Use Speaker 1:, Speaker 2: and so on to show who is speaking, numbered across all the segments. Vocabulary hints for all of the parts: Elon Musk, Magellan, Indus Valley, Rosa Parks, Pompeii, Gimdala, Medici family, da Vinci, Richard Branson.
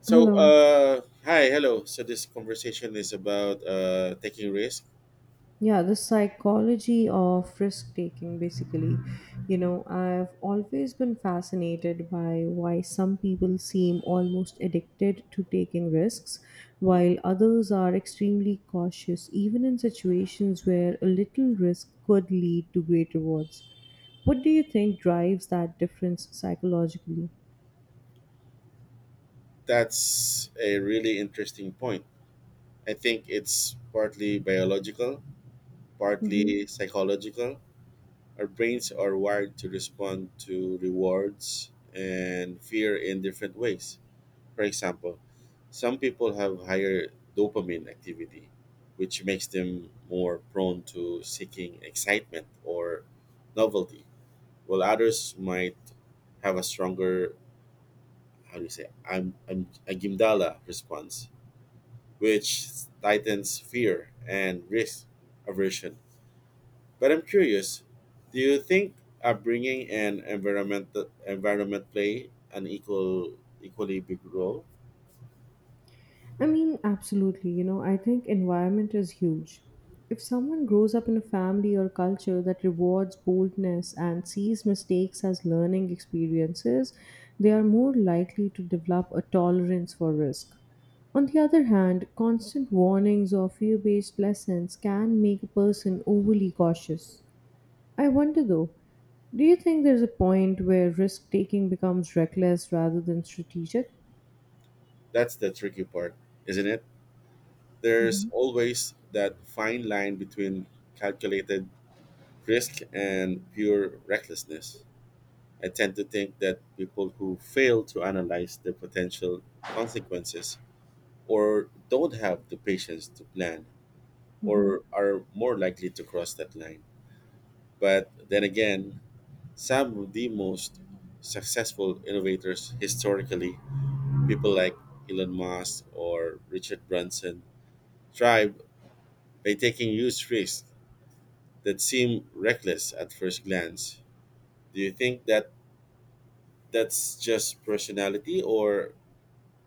Speaker 1: So,
Speaker 2: Hello.
Speaker 1: hi, hello. So this conversation is about taking risk.
Speaker 2: Yeah, the psychology of risk taking, basically. You know, I've always been fascinated by why some people seem almost addicted to taking risks, while others are extremely cautious, even in situations where a little risk could lead to great rewards. What do you think drives that difference psychologically?
Speaker 1: That's a really interesting point. I think it's partly biological,
Speaker 2: Mm-hmm.
Speaker 1: partly psychological. Our brains are wired to respond to rewards and fear in different ways. For example, some people have higher dopamine activity, which makes them more prone to seeking excitement or novelty while others might have a stronger, how do you say, I'm a Gimdala response, which tightens fear and risk aversion. But I'm curious, do you think upbringing and environment play an equally big role?
Speaker 2: I mean, absolutely. You know, I think environment is huge. If someone grows up in a family or culture that rewards boldness and sees mistakes as learning experiences, they are more likely to develop a tolerance for risk. On the other hand, constant warnings or fear based lessons can make a person overly cautious. I wonder though, do you think there's a point where risk taking becomes reckless rather than strategic?
Speaker 1: That's the tricky part, isn't it? There's always that fine line between calculated risk and pure recklessness. I tend to think that people who fail to analyze the potential consequences or don't have the patience to plan
Speaker 2: Hmm.
Speaker 1: or are more likely to cross that line. But then again, some of the most successful innovators historically, people like Elon Musk or Richard Branson, thrive by taking huge risks that seem reckless at first glance. Do you think that that's just personality or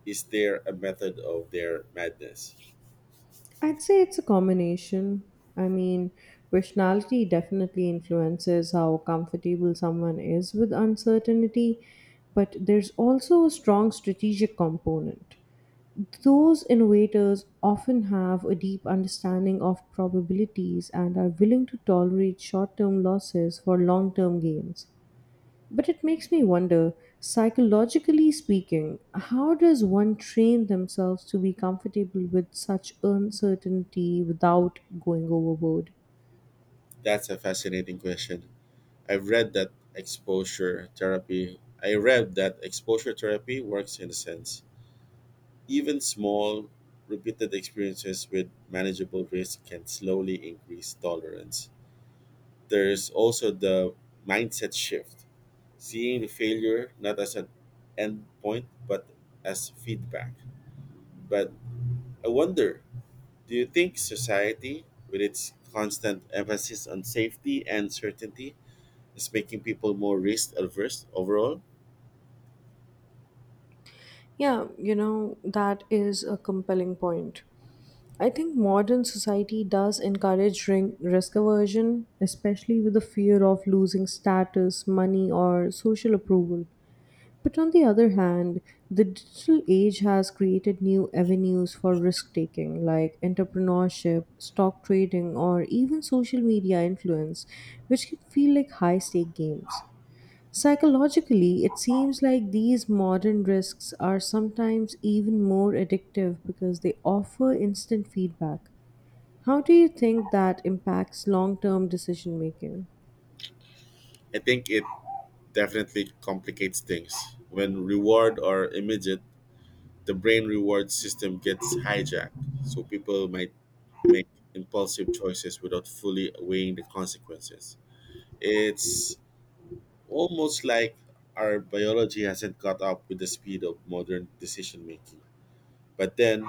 Speaker 1: is there a method of their madness?
Speaker 2: I'd say it's a combination. I mean, personality definitely influences how comfortable someone is with uncertainty, but there's also a strong strategic component. Those innovators often have a deep understanding of probabilities and are willing to tolerate short term losses for long term gains. But it makes me wonder, psychologically speaking, how does one train themselves to be comfortable with such uncertainty without going overboard?
Speaker 1: That's a fascinating question. I read that exposure therapy works in a sense. Even small repeated experiences with manageable risk can slowly increase tolerance. There's also the mindset shift, seeing the failure not as an end point but as feedback. But I wonder, do you think society, with its constant emphasis on safety and certainty, is making people more risk averse overall?
Speaker 2: Yeah, you know, that is a compelling point. I think modern society does encourage risk aversion, especially with the fear of losing status, money, or social approval. But on the other hand, the digital age has created new avenues for risk taking, like entrepreneurship, stock trading, or even social media influence, which can feel like high stake games. Psychologically, it seems like these modern risks are sometimes even more addictive because they offer instant feedback. How do you think that impacts long term decision making?
Speaker 1: I think it definitely complicates things. When reward are immediate, the brain reward system gets hijacked, so people might make impulsive choices without fully weighing the consequences. It's almost like our biology hasn't caught up with the speed of modern decision making. But then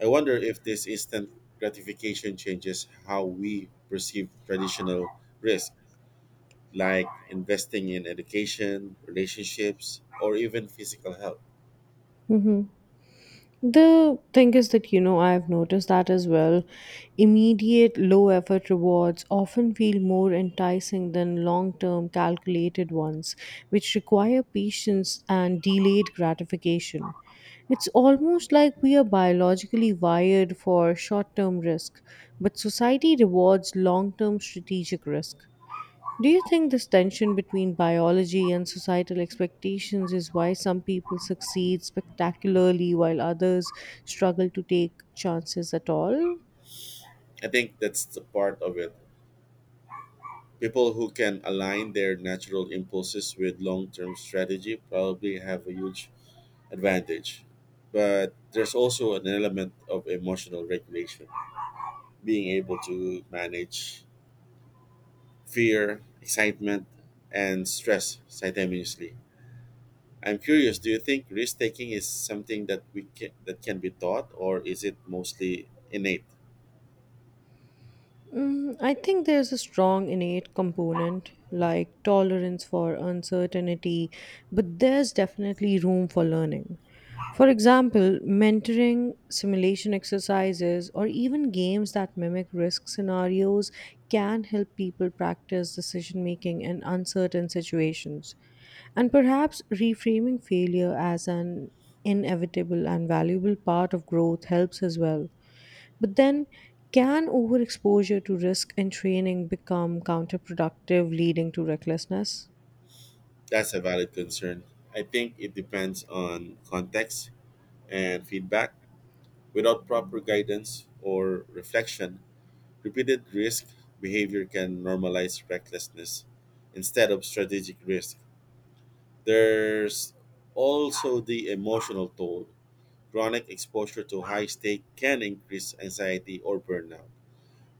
Speaker 1: I wonder if this instant gratification changes how we perceive traditional risk, like investing in education, relationships, or even physical health.
Speaker 2: The thing is that, you know, I've noticed that as well. Immediate low effort rewards often feel more enticing than long term calculated ones, which require patience and delayed gratification. It's almost like we are biologically wired for short term risk, but society rewards long term strategic risk. Do you think this tension between biology and societal expectations is why some people succeed spectacularly while others struggle to take chances at all?
Speaker 1: I think that's the part of it. People who can align their natural impulses with long term strategy probably have a huge advantage. But there's also an element of emotional regulation, being able to manage fear, excitement, and stress simultaneously. I'm curious, do you think risk taking is something that we can, that can be taught or is it mostly innate?
Speaker 2: Mm, I think there's a strong innate component like tolerance for uncertainty, but there's definitely room for learning. For example, mentoring, simulation exercises, or even games that mimic risk scenarios can help people practice decision making in uncertain situations. And perhaps reframing failure as an inevitable and valuable part of growth helps as well. But then, can overexposure to risk and training become counterproductive, leading to recklessness?
Speaker 1: That's a valid concern. I think it depends on context and feedback. Without proper guidance or reflection, repeated risk behavior can normalize recklessness instead of strategic risk. There's also the emotional toll. Chronic exposure to high stake can increase anxiety or burnout.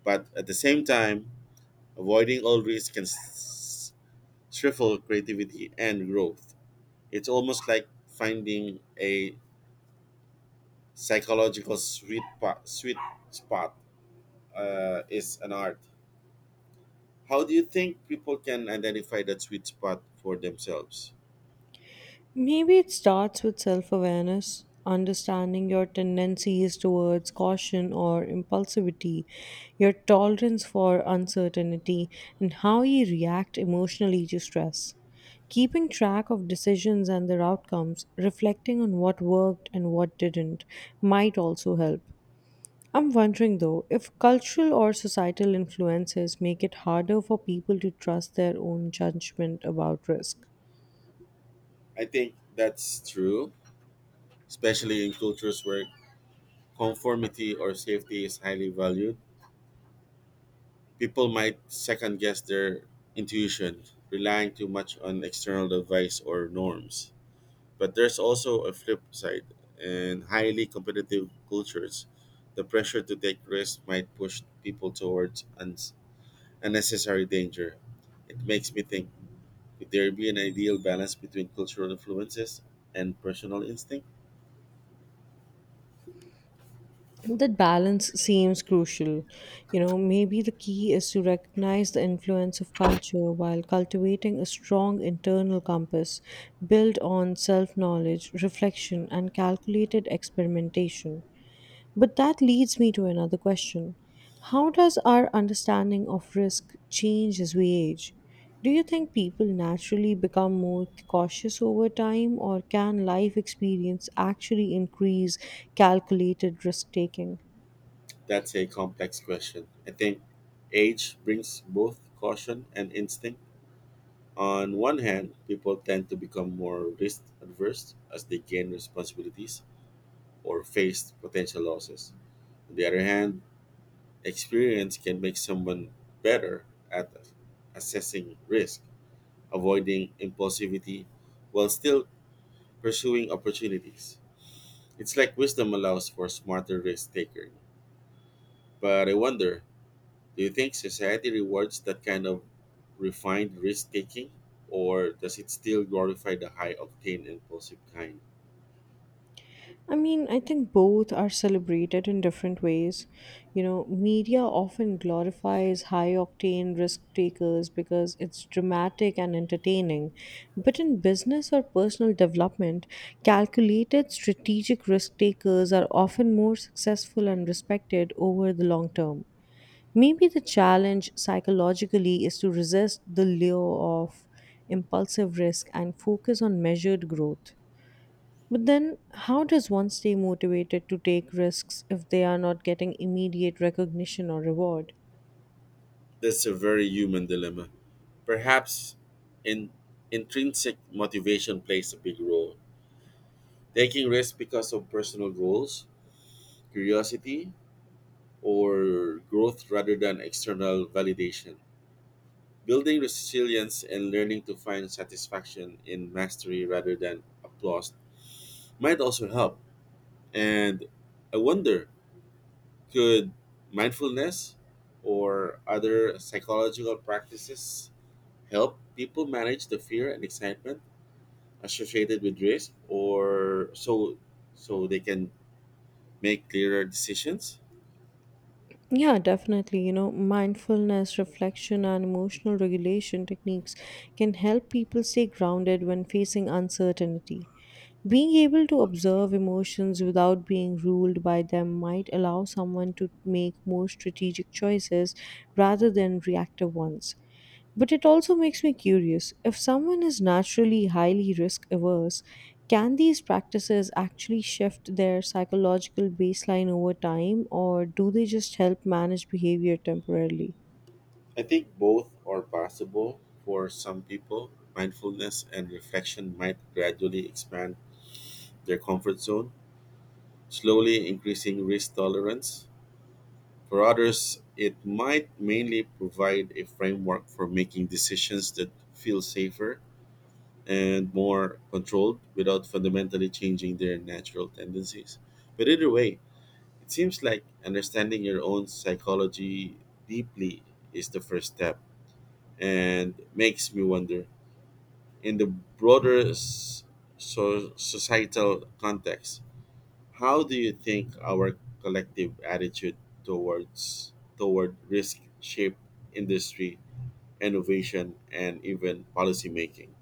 Speaker 1: But at the same time, avoiding all risks can stifle creativity and growth. It's almost like finding a psychological sweet spot. Sweet spot is an art. How do you think people can identify that sweet spot for themselves?
Speaker 2: Maybe it starts with self awareness, understanding your tendencies towards caution or impulsivity, your tolerance for uncertainty, and how you react emotionally to stress. Keeping track of decisions and their outcomes, reflecting on what worked and what didn't, might also help. I'm wondering though if cultural or societal influences make it harder for people to trust their own judgment about risk.
Speaker 1: I think that's true, especially in cultures where conformity or safety is highly valued. People might second guess their intuition, relying too much on external advice or norms. But there's also a flip side. In highly competitive cultures, the pressure to take risks might push people towards unnecessary danger. It makes me think, could there be an ideal balance between cultural influences and personal instinct?
Speaker 2: That balance seems crucial. You know, maybe the key is to recognize the influence of culture while cultivating a strong internal compass built on self knowledge, reflection, and calculated experimentation. But that leads me to another question. How does our understanding of risk change as we age? Do you think people naturally become more cautious over time, or can life experience actually increase calculated risk taking?
Speaker 1: That's a complex question. I think age brings both caution and instinct. On one hand, people tend to become more risk adverse as they gain responsibilities or face potential losses. On the other hand, experience can make someone better at assessing risk, avoiding impulsivity, while still pursuing opportunities. It's like wisdom allows for smarter risk taking. But I wonder, do you think society rewards that kind of refined risk taking, or does it still glorify the high octane impulsive kind?
Speaker 2: I mean, I think both are celebrated in different ways. You know, media often glorifies high octane risk takers because it's dramatic and entertaining. But in business or personal development, calculated strategic risk takers are often more successful and respected over the long term. Maybe the challenge psychologically is to resist the lure of impulsive risk and focus on measured growth. But then, how does one stay motivated to take risks if they are not getting immediate recognition or reward?
Speaker 1: That's a very human dilemma. Perhaps in, intrinsic motivation plays a big role. Taking risks because of personal goals, curiosity, or growth rather than external validation. Building resilience and learning to find satisfaction in mastery rather than applause might also help. And I wonder, could mindfulness or other psychological practices help people manage the fear and excitement associated with risk or so so they can make clearer decisions?
Speaker 2: Yeah, definitely. You know, mindfulness, reflection, and emotional regulation techniques can help people stay grounded when facing uncertainty. Being able to observe emotions without being ruled by them might allow someone to make more strategic choices rather than reactive ones. But it also makes me curious if someone is naturally highly risk averse, can these practices actually shift their psychological baseline over time, or do they just help manage behavior temporarily?
Speaker 1: I think both are possible for some people. Mindfulness and reflection might gradually expand their comfort zone, slowly increasing risk tolerance. For others, it might mainly provide a framework for making decisions that feel safer and more controlled without fundamentally changing their natural tendencies. But either way, it seems like understanding your own psychology deeply is the first step and makes me wonder, in the broader societal context, how do you think our collective attitude towards toward risk shape industry, innovation, and even policy making?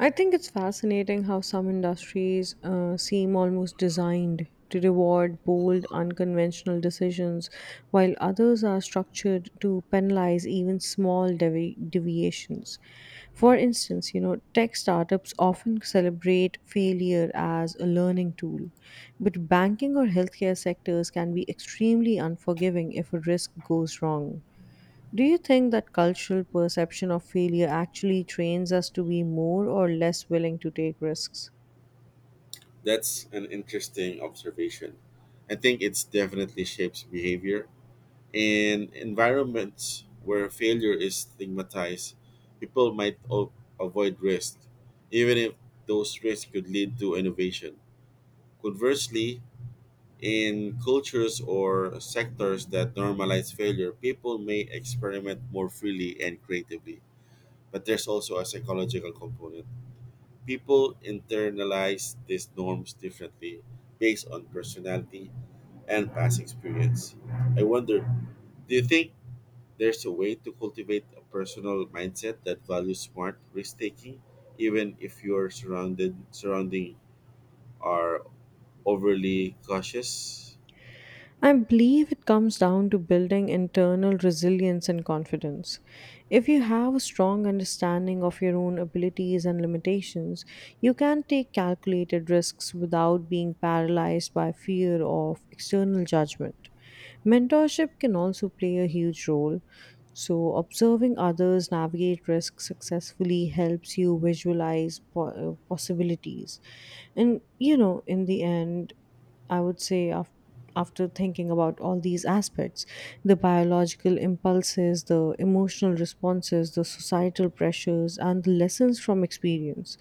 Speaker 2: I think it's fascinating how some industries seem almost designed to reward bold, unconventional decisions, while others are structured to penalize even small deviations. For instance, you know, tech startups often celebrate failure as a learning tool, but banking or healthcare sectors can be extremely unforgiving if a risk goes wrong. Do you think that cultural perception of failure actually trains us to be more or less willing to take risks?
Speaker 1: That's an interesting observation. I think it's definitely shapes behavior. In environments where failure is stigmatized, people might avoid risk, even if those risks could lead to innovation. Conversely, in cultures or sectors that normalize failure, people may experiment more freely and creatively. But there's also a psychological component. People internalize these norms differently based on personality and past experience. I wonder, do you think there's a way to cultivate a personal mindset that values smart risk taking, even if your surrounded surrounding are overly cautious?
Speaker 2: I believe it comes down to building internal resilience and confidence. If you have a strong understanding of your own abilities and limitations, you can take calculated risks without being paralyzed by fear of external judgment. Mentorship can also play a huge role. So, observing others navigate risk successfully helps you visualize possibilities. And, you know, in the end, I would say after. After thinking about all these aspects, the biological impulses, the emotional responses, the societal pressures, and the lessons from experience,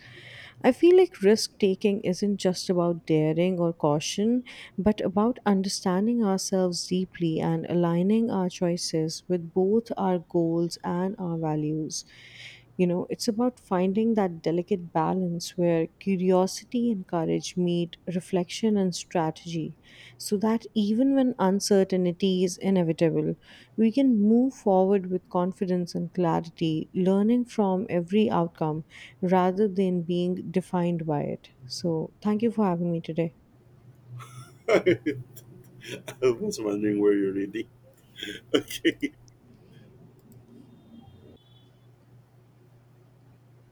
Speaker 2: I feel like risk taking isn't just about daring or caution, but about understanding ourselves deeply and aligning our choices with both our goals and our values. You know, it's about finding that delicate balance where curiosity and courage meet reflection and strategy, so that even when uncertainty is inevitable, we can move forward with confidence and clarity, learning from every outcome rather than being defined by it. So, thank you for having me today.
Speaker 1: I was wondering where you're reading. Okay.